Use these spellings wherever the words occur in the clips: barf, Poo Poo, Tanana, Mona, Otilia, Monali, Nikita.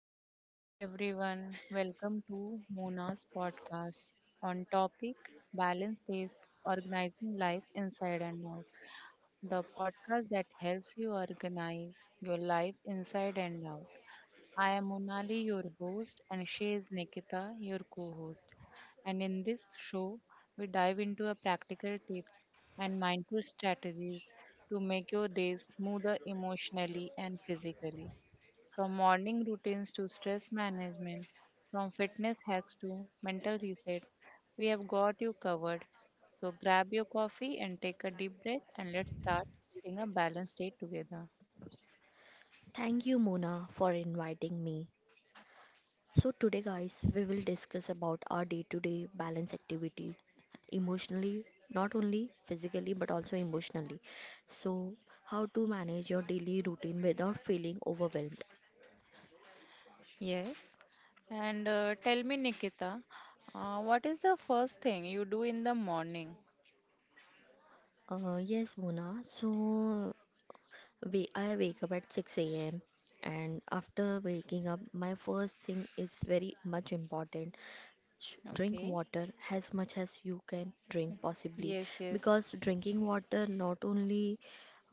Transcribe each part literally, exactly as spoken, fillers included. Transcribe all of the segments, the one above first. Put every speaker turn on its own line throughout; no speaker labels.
Good morning, everyone. Welcome to Mona's podcast on topic balance days, organizing life inside and out. The podcast that helps you organize your life inside and out. I am Monali, your host, and she is Nikita, your co-host. And in this show, we dive into a practical tips and mindful strategies to make your day smoother emotionally and physically. From morning routines to stress management, from fitness hacks to mental reset, we have got you covered. So grab your coffee and take a deep breath and let's start building a balanced day together.
Thank you, Mona, for inviting me. So today guys we will discuss about our day-to-day balance activity emotionally, not only physically but also emotionally. So how to manage your daily routine without feeling overwhelmed.
Yes. And uh, tell me, Nikita, uh, what is the first thing you do in the morning?
Uh, yes Mona, so we I wake up at six a m, and after waking up my first thing is very much important. Sh- drink
Okay.
water as much as you can drink possibly,
Yes, yes.
because drinking water not only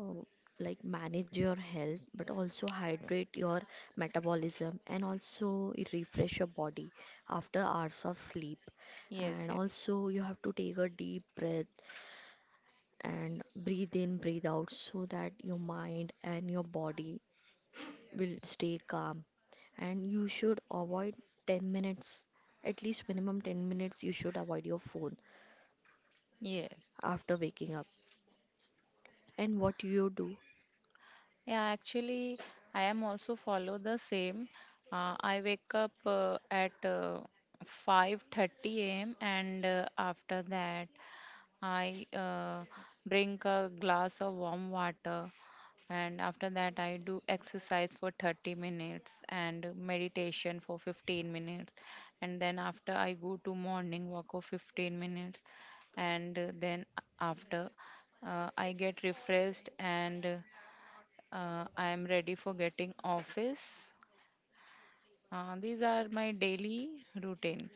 uh, like manage your health but also hydrate your metabolism, and also it refresh your body after hours of sleep.
Yes,
And
yes.
also you have to take a deep breath and breathe in breathe out so that your mind and your body will stay calm. And you should avoid ten minutes, at least minimum ten minutes you should avoid your phone
Yes.
after waking up. And what you do?
Yeah, actually, I am also follow the same. Uh, I wake up uh, at uh, five thirty a m and uh, after that I uh, drink a glass of warm water, and after that I do exercise for thirty minutes and meditation for fifteen minutes, and then after I go to morning walk of fifteen minutes, and uh, then after uh, I get refreshed, and uh, uh, I am ready for getting office. Uh, these are my daily routines.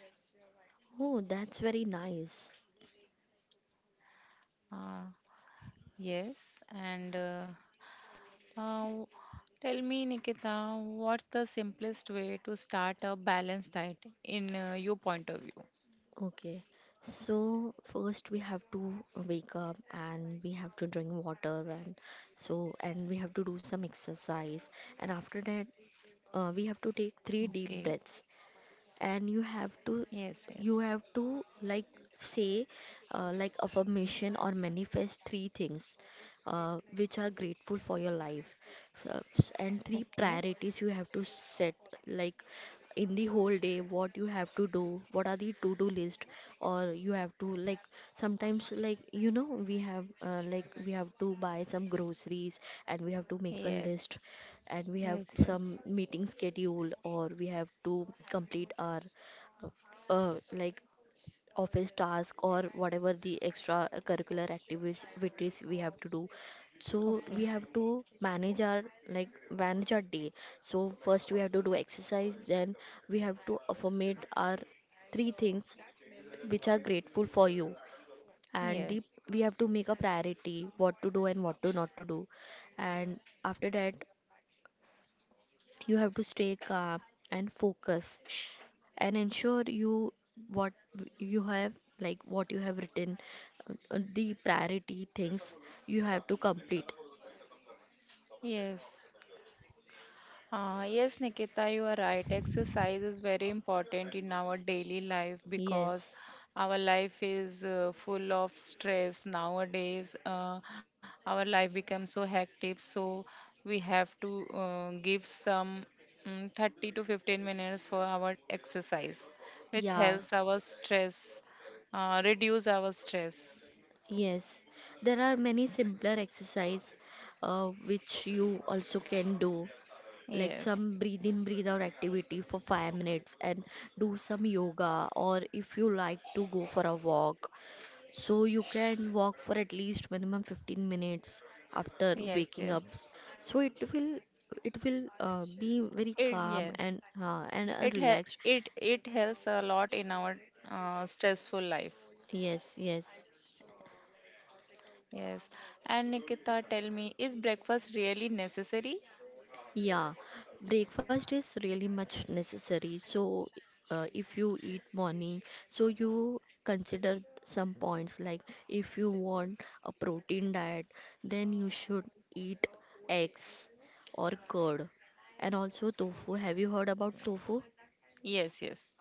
Oh, that's very nice.
Uh, yes, and uh, uh, tell me, Nikita, what's the simplest way to start a balanced diet in uh, your point of view?
Okay, so first we have to wake up and we have to drink water, and so and we have to do some exercise. And after that, uh, we have to take
Okay.
three deep breaths. And you have
Yes,
to
yes.
you have to like say uh, like affirmation or manifest three things uh, which are grateful for your life. So, s- and three
Okay.
priorities you have to set, like in the whole day what you have to do, what are the to do list. Or you have to like sometimes, like you know we have uh, like we have to buy some groceries and we have to make a
Yes.
list. And we have
Yes, yes.
some meeting schedule, or we have to complete our uh, like office task or whatever the extra curricular activities we have to do. So
Okay.
we have to manage our, like manage our day. So first we have to do exercise, then we have to affirmate our three things which are grateful for you. And the,
Yes.
we have to make a priority what to do and what to not to do. And after that you have to stay calm and focus and ensure you what you have, like what you have written, uh, uh, the priority things you have to complete.
Yes. Uh, yes, Nikita, you are right. Exercise is very important in our daily life because
Yes.
our life is uh, full of stress nowadays. Uh, our life becomes so hectic, so we have to uh, give some um, thirty to fifteen minutes for our exercise, which
Yeah.
helps our stress, uh, reduce our stress.
Yes, there are many simpler exercise uh, which you also can do, like
Yes,
some breathe in breathe out activity for five minutes, and do some yoga, or if you like to go for a walk. So you can walk for at least minimum fifteen minutes after
yes,
waking up.
yes.
S- So it will, it will uh, be very
It,
calm
yes.
and uh, and uh,
It hel-
relaxed.
it it helps a lot in our uh, stressful life.
Yes, yes.
Yes. And Nikita, tell me, is breakfast really necessary?
Yeah, breakfast is really much necessary. So, uh, if you eat morning, so you consider some points, like if you want a protein diet, then you should eat eggs or curd, and also tofu. Have you heard about tofu?
Yes, yes.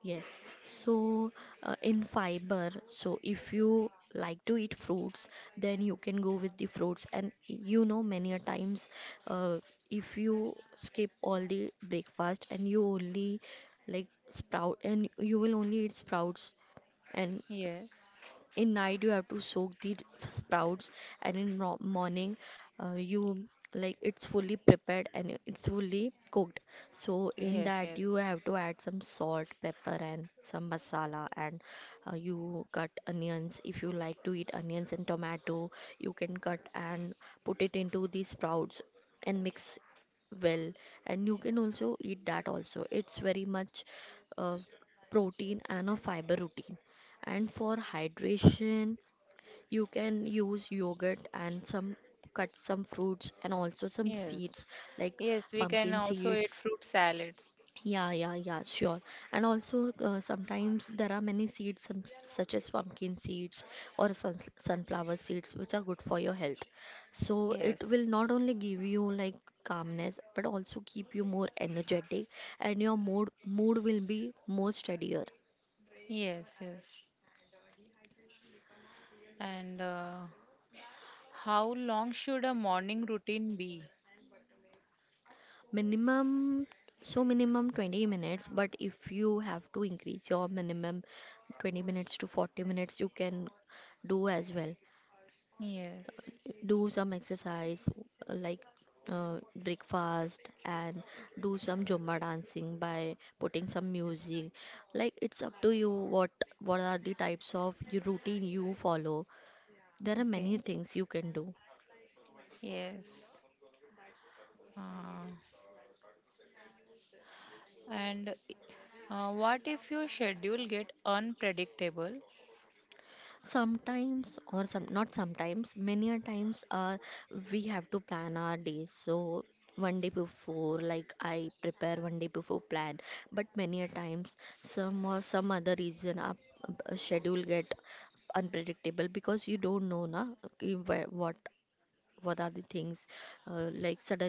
Yes, so uh, in fiber, so if you like to eat fruits, then you can go with the fruits. And you know, many a times, uh, if you skip all the breakfast and you only like sprout, and you will only eat sprouts, and
Yes.
in night you have to soak the sprouts, and in ro- morning uh, you like it's fully prepared and it's fully cooked. So in
Yes,
that
yes.
you have to add some salt pepper and some masala, and uh, you cut onions if you like to eat onions, and tomato you can cut and put it into the sprouts and mix well. And you can also eat that, also it's very much uh, protein and a fiber routine. And for hydration, you can use yogurt and some cut some fruits, and also some
Yes.
seeds like
Yes, we can
pumpkin
also eat
seeds.
fruit salads.
Yeah, yeah, yeah, sure. And also, uh, sometimes there are many seeds some, such as pumpkin seeds or sun, sunflower seeds which are good for your health. So it
Yes.
will not only give you like calmness but also keep you more energetic, and your mood mood will be more steadier.
Yes, yes. And uh, how long should a morning routine be?
Minimum, so minimum twenty minutes, but if you have to increase your minimum twenty minutes to forty minutes, you can do as well.
Yes.
Do some exercise, uh, like uh, breakfast, and do some Zumba dancing by putting some music. Like it's up to you what what are the types of your routine you follow. There are many
Okay.
things you can do.
Yes. Uh, And uh, what if your schedule get unpredictable?
Sometimes, or some not sometimes, many a times, uh, we have to plan our days. So one day before, like I prepare one day before plan. But many a times, some or some other reason, our uh, schedule get unpredictable, because you don't know, na, कि where- what what are the things, uh, like suddenly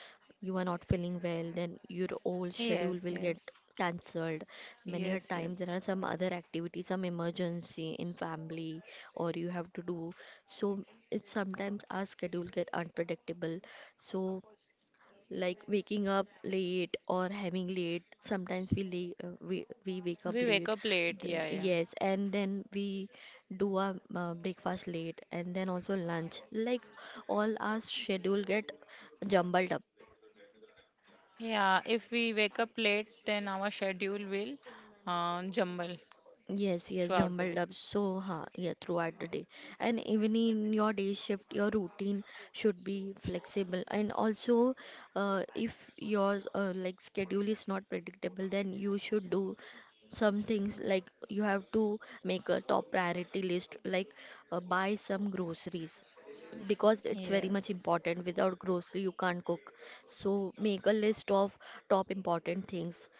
you are not feeling well, then your whole schedule will
Yes,
get
yes,
cancelled. Many a
yes,
time there
yes.
are some other activities, some emergency in family, or you have to do. So it's sometimes our schedule get unpredictable. So like waking up late or having late, sometimes we lay, uh, we we wake
We
up
wake
late.
up late.
The,
Yeah, yeah.
yes, and then we do our uh, breakfast late, and then also lunch. Like all our schedule get jumbled up.
Yeah, if we wake up late, then our schedule will uh, jumble
Yes, yes,
throughout the day.
jumbled up so hard, yeah, throughout the day. And even in your day shift, your routine should be flexible. And also, uh, if your uh, like schedule is not predictable, then you should do some things, like you have to make a top priority list, like uh, buy some groceries because it's very much
Yes,
important. Without grocery, you can't cook. So make a list of top important things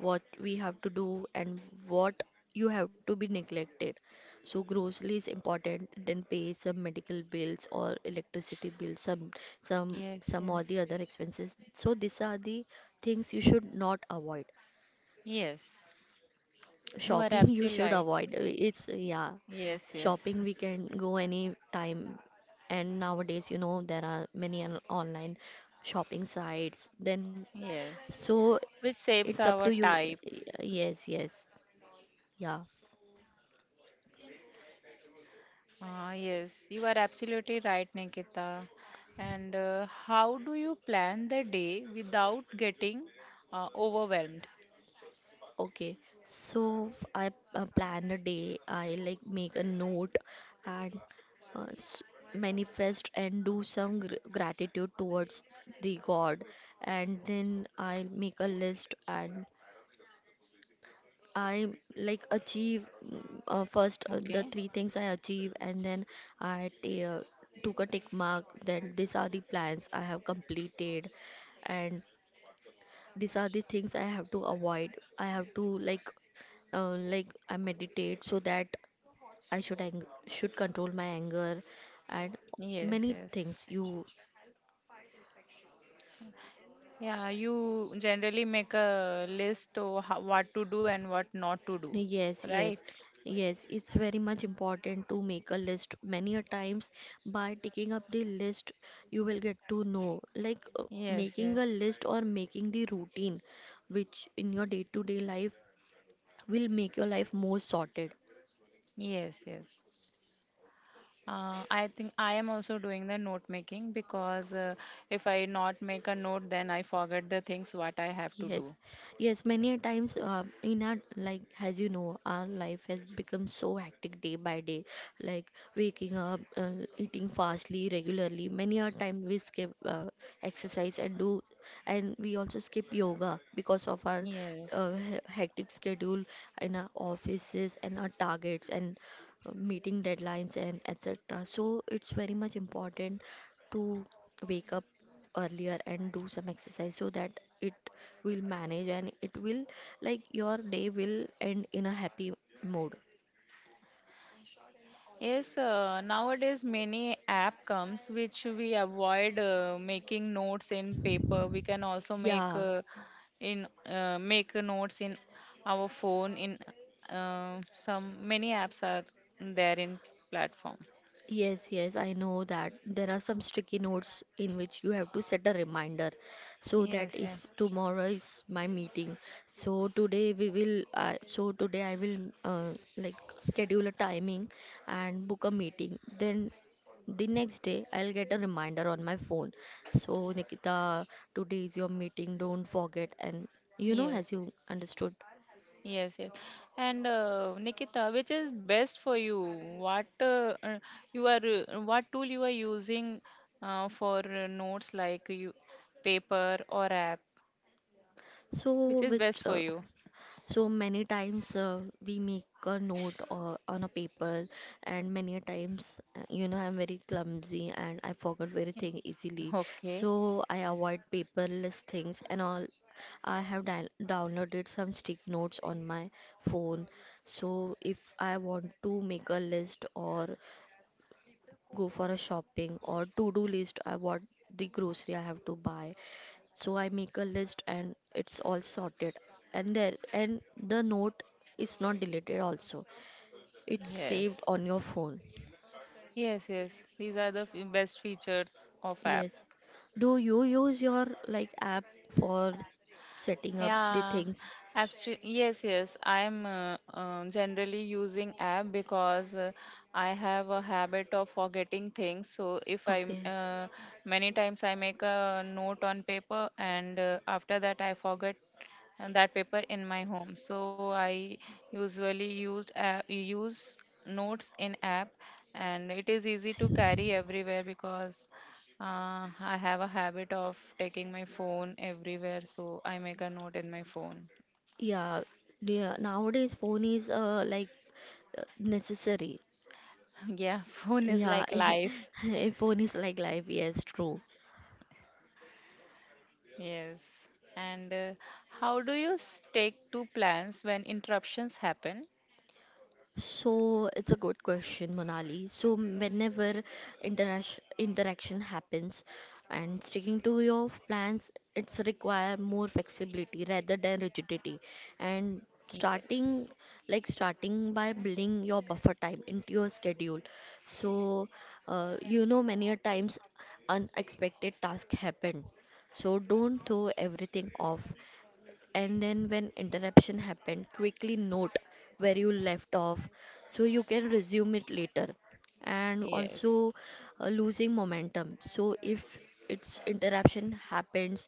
what we have to do, and what you have to be neglected. So grocery is important, then pay some medical bills or electricity bills, some some
yes,
some or
yes,
the other expenses. So these are the things you should not avoid.
yes. You are
Shopping you
absolutely
should
right.
avoid. It's yeah.
Yes, yes,
Shopping we can go any time, and nowadays you know there are many on- online shopping sites then,
yes.
so
Which saves
it's up
our
to you.
time.
Y- yes, yes. Yeah,
Ah, yes, you are absolutely right, Nikita. And uh, how do you plan the day without getting uh, overwhelmed?
okay. So f- I uh, plan a day, I like make a note, and uh, s- manifest and do some gr gratitude towards the God. And then I make a list, and I like achieve mm, uh, first uh, the
Okay.
three things I achieve, and then I ta- uh, took a tick mark that these are the plans I have completed. And these are the things I have to avoid. I have to like uh, like I meditate so that I should ang should control my anger, and
Yes,
many
yes.
things. You.
Yeah, you generally make a list of ho- what to do and what not to do,
Yes,
right?
yes. Yes, it's very much important to make a list. Many a times by taking up the list you will get to know like, uh,
Yes,
making a
yes.
list or making the routine which in your day-to-day life will make your life more sorted.
Yes, yes. Uh, I think I am also doing the note making because uh, if I not make a note, then I forget the things what I have to
Yes,
do.
yes, many a times uh, in our like as you know, our life has become so hectic day by day, like waking up, uh, eating fastly, regularly. Many a time we skip uh, exercise and do, and we also skip yoga because of our
Yes,
uh, he- hectic schedule in our offices and our targets and uh, meeting deadlines and et cetera. So it's very much important to wake up earlier and do some exercise so that it will manage and it will like your day will end in a happy mood.
yes, uh, nowadays many app comes which we avoid uh, making notes in paper. We can also make
Yeah.
uh, in uh, make notes in our phone. In uh, some many apps are there in platform.
Yes, yes, I know that there are some sticky notes in which you have to set a reminder so that
Yes, yeah.
if tomorrow is my meeting, so today we will, uh, so today I will uh, like schedule a timing and book a meeting. Then the next day I'll get a reminder on my phone. So Nikita, today is your meeting, don't forget. And you know, as
Yes,
you understood.
yes, yes. And uh, Nikita, which is best for you? What uh, uh, you are uh, what tool you are using uh, for uh, notes like you paper or app? Which
So,
is
which
best for
uh,
you.
so many times uh, we make a note or on a paper, and many a times, uh, you know, I'm very clumsy and I forget very
Eh,
thing easily.
okay.
So I avoid paperless things and all. I have down downloaded some sticky notes on my phone. So if I want to make a list or go for a shopping or to do list, I want the grocery I have to buy. So I make a list and it's all sorted. And there and the note is not deleted also. It's saved
Yes.
on your phone.
Yes, yes. These are the f- best features of app.
Yes. Do you use your like app for setting up the
Yeah,
things?
actually, yes, yes. I'm uh, uh, generally using app because uh, I have a habit of forgetting things. So if I m-
Okay.
uh, many times I make a note on paper, and uh, after that I forget uh, that paper in my home. So I usually used app, use notes in app, and it is easy to carry everywhere because uh, I have a habit of taking my phone everywhere, so I make a note in my phone.
Yeah. Yeah. Nowadays phone is uh like uh, necessary.
Yeah, phone is
Yeah.
like life.
A phone is like life. Yes, true.
Yes. And uh, how do you stick to plans when interruptions happen?
So it's a good question, Monali. So whenever interaction interaction happens and sticking to your plans, it's require more flexibility rather than rigidity. And
Yes.
starting, like starting by building your buffer time into your schedule. So uh, you know many a times unexpected tasks happen. So don't throw everything off, and then when interruption happened, quickly note where you left off so you can resume it later. And also,
Yes.
uh, losing momentum. So if its interruption happens,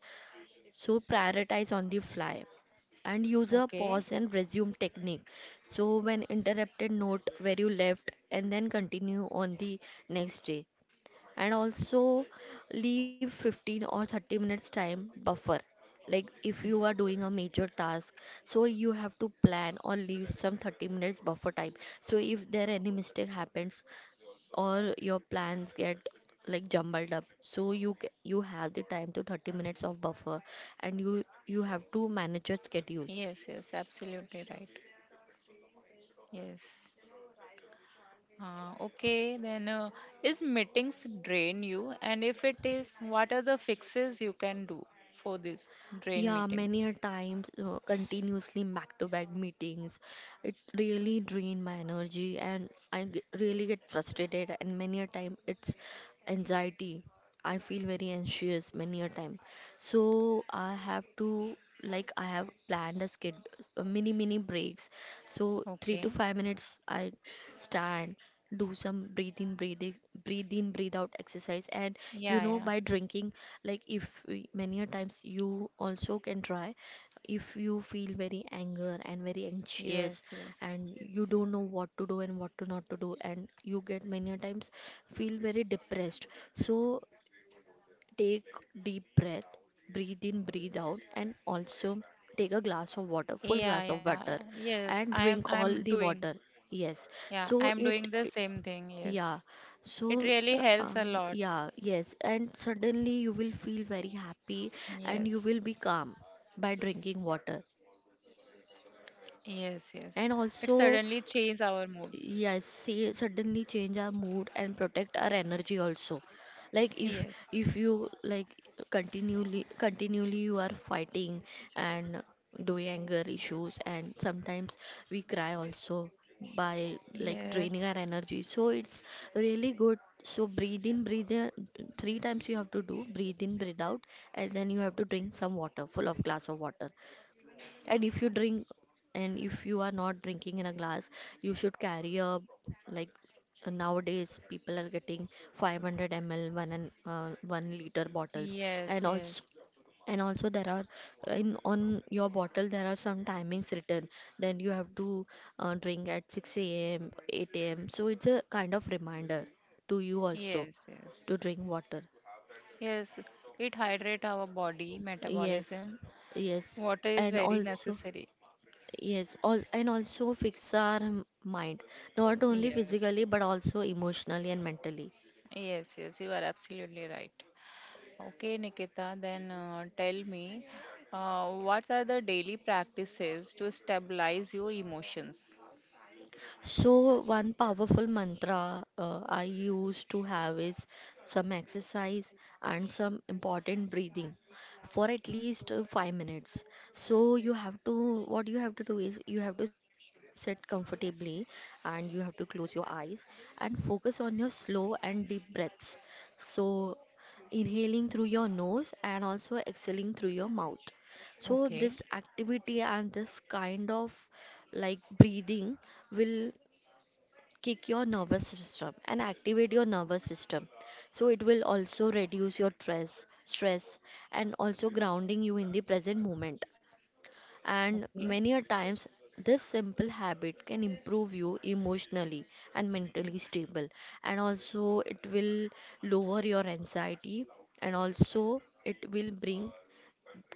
so prioritize on the fly and use a
Okay.
pause and resume technique. So when interrupted, note where you left and then continue on the next day. And also leave fifteen or thirty minutes time buffer. Like if
Mm.
you are doing a major task, so you have to plan or leave some thirty minutes buffer time. So if there any mistake happens or your plans get like jumbled up, so you ca- you have the time to thirty minutes of buffer, and you you have to manage your schedule.
Yes, yes, absolutely right. Yes. Uh, okay, then uh, is meetings drain you? And if it is, what are the fixes you can do for this drain
Yeah, many
meetings?
a times uh, continuously back to back meetings. It really drain my energy, and I g- really get frustrated, and many a time it's anxiety. I feel very anxious many a time, so I have to, like, I have planned a skid, a mini mini breaks, so three to
Okay.
five minutes I stand, do some breathing, breathing, breathe in, breathe in breathe out exercise and, you
Yeah,
know,
yeah.
by drinking, like, if we- many a times you also can try. If you feel very anger and very anxious,
Yes, yes.
and you don't know what to do and what to not to do, and you get many a times feel very depressed, so take deep breath, breathe in, breathe out, and also take a glass of water, full
Yeah,
glass of
yeah.
water,
Yes, I
and
am I
drink
am
all the
doing.
water. Yes.
Yeah,
So
I am
it,
doing the
it
same thing.
yeah,
Yes. It
so
really
uh, uh,
helps a lot.
yeah, yes, and suddenly you will feel very happy, and you
Yes.
will be calm by drinking water.
Yes, yes. It
And
suddenly
also,
changes our mood.
yes, see, suddenly change our mood and protect our energy also. Like if
Yes.
if you, like, continually continually you are fighting and doing anger issues, and sometimes we cry also by, like, draining our
Yes.
energy. So it's really good. So breathe in, breathe in. Three times you have to do breathe in, breathe out, and then you have to drink some water, full of glass of water. And if you drink, and if you are not drinking in a glass, you should carry a, like, uh, nowadays people are getting five hundred milliliter one, and uh, one liter bottles.
Yes,
And also,
yes.
and also, there are in, on your bottle there are some timings written. Then you have to uh, drink at six a m, eight a m. So it's a kind of reminder to you also
Yes, yes.
to drink water.
Yes, it hydrate our body
Yes,
metabolism.
yes,
Water is
and
very
also.
necessary.
Yes, all, and also fix our m- mind, not only
Yes.
physically but also emotionally and mentally.
Yes, yes. You are absolutely right. Okay, Nikita, then uh, tell me uh, what are the daily practices to stabilize your emotions?
So, one powerful mantra uh, I used to have is some exercise and some important breathing for at least uh, five minutes. So, you have to, what you have to do is you have to sit comfortably, and you have to close your eyes and focus on your slow and deep breaths. So, inhaling through your nose and also exhaling through your mouth. So,
Okay,
this activity and this kind of, like, breathing will kick your nervous system and activate your nervous system, so it will also reduce your stress stress and also grounding you in the present moment. And
okay.
many a times this simple habit can improve you emotionally and mentally stable, and also it will lower your anxiety, and also it will bring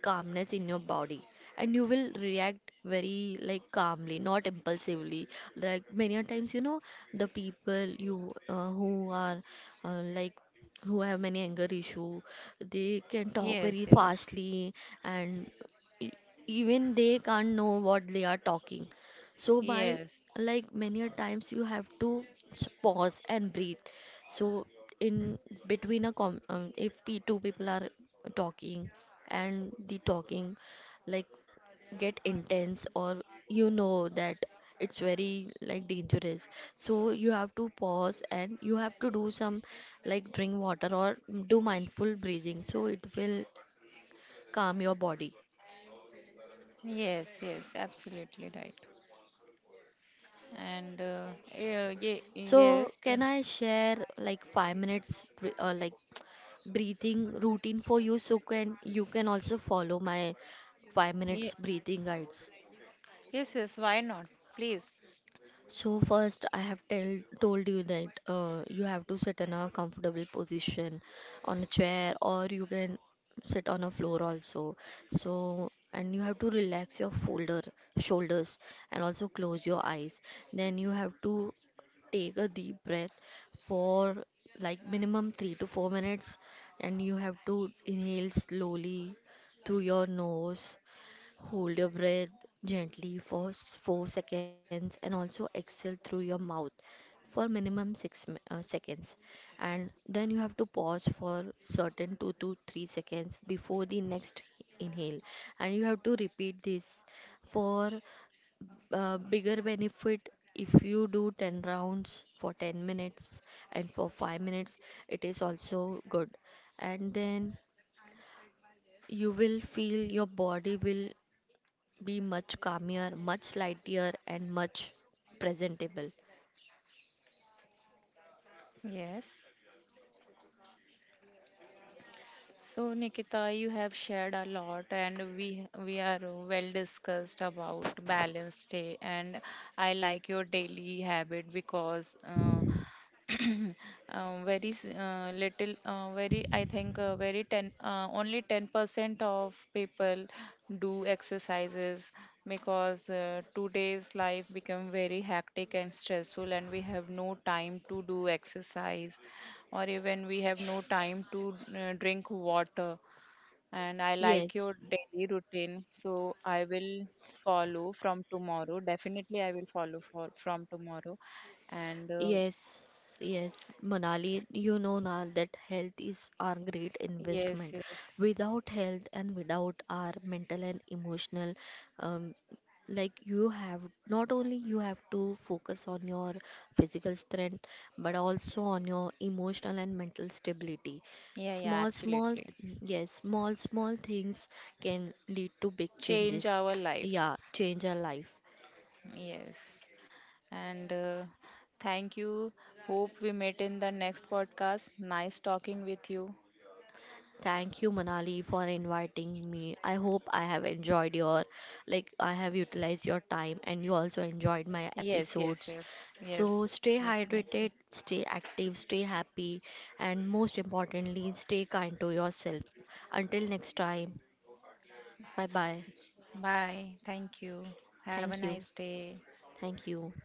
calmness in your body, and you will react very, like, calmly, not impulsively. Like many a times, you know, the people you uh, who are uh, like, who have many anger issue, they can talk
Yes,
very
yes,
fastly, and e- even they can't know what they are talking. So by,
yes,
like, many a times you have to s- pause and breathe. So in between a com um, if pe two people are talking, and the talking, like, get intense, or you know that it's very, like, dangerous. So you have to pause, and you have to do some, like, drink water or do mindful breathing, so it will calm your body.
yes, yes, absolutely right. And uh, yeah,
So,
yes,
can I share like five minutes br- uh, like breathing routine for you, so can you can also follow my five
yeah,
minutes breathing guides?
yes, yes, why not? Please.
So first, I have tell, told you that uh, you have to sit in a comfortable position on a chair, or you can sit on a floor also. So, and you have to relax your folder, shoulders, and also close your eyes. Then you have to take a deep breath for, like, minimum three to four minutes, and you have to inhale slowly through your nose. Hold your breath gently for s- four seconds, and also exhale through your mouth for minimum six mi- uh, seconds. And then you have to pause for certain two to three seconds before the next inhale. And you have to repeat this for uh, bigger benefit. If you do ten rounds for ten minutes, and for five minutes it is also good. And then you will feel your body will be much calmer, much lighter, and much presentable.
Yes. So, Nikita, you have shared a lot, and we we are well discussed about balance day. And I like your daily habit because uh, um, very s- uh, little uh, very I think uh, very ten uh, only ten percent of people do exercises because uh, today's life become very hectic and stressful, and we have no time to do exercise, or even we have no time to uh, drink water. And I like your
Yes.
daily routine, so I will follow from tomorrow. Definitely I will follow for from tomorrow. And uh,
Yes, yes, Manali, you know now that health is our great
yes,
investment.
yes.
Without health and without our mental and emotional, um, like, you have, not only you have to focus on your physical strength, but also on your emotional and mental stability.
Yeah, yeah,
Small, small,
absolutely.
yes, small, small things can lead to big
Change
changes.
our life.
Yeah, change our life.
Yes. And uh, thank you. Hope we meet in the next podcast. Nice talking with you.
Thank you, Manali, for inviting me. I hope I have enjoyed your, like, I have utilized your time, and you also enjoyed my
Yes, yes,
episodes.
yes. Yes,
So, stay hydrated,
definitely.
stay active, stay happy, and most importantly, stay kind to yourself. Until next time, bye bye.
Bye. Thank you. Have a
Thank
nice
you.
day.
Thank you.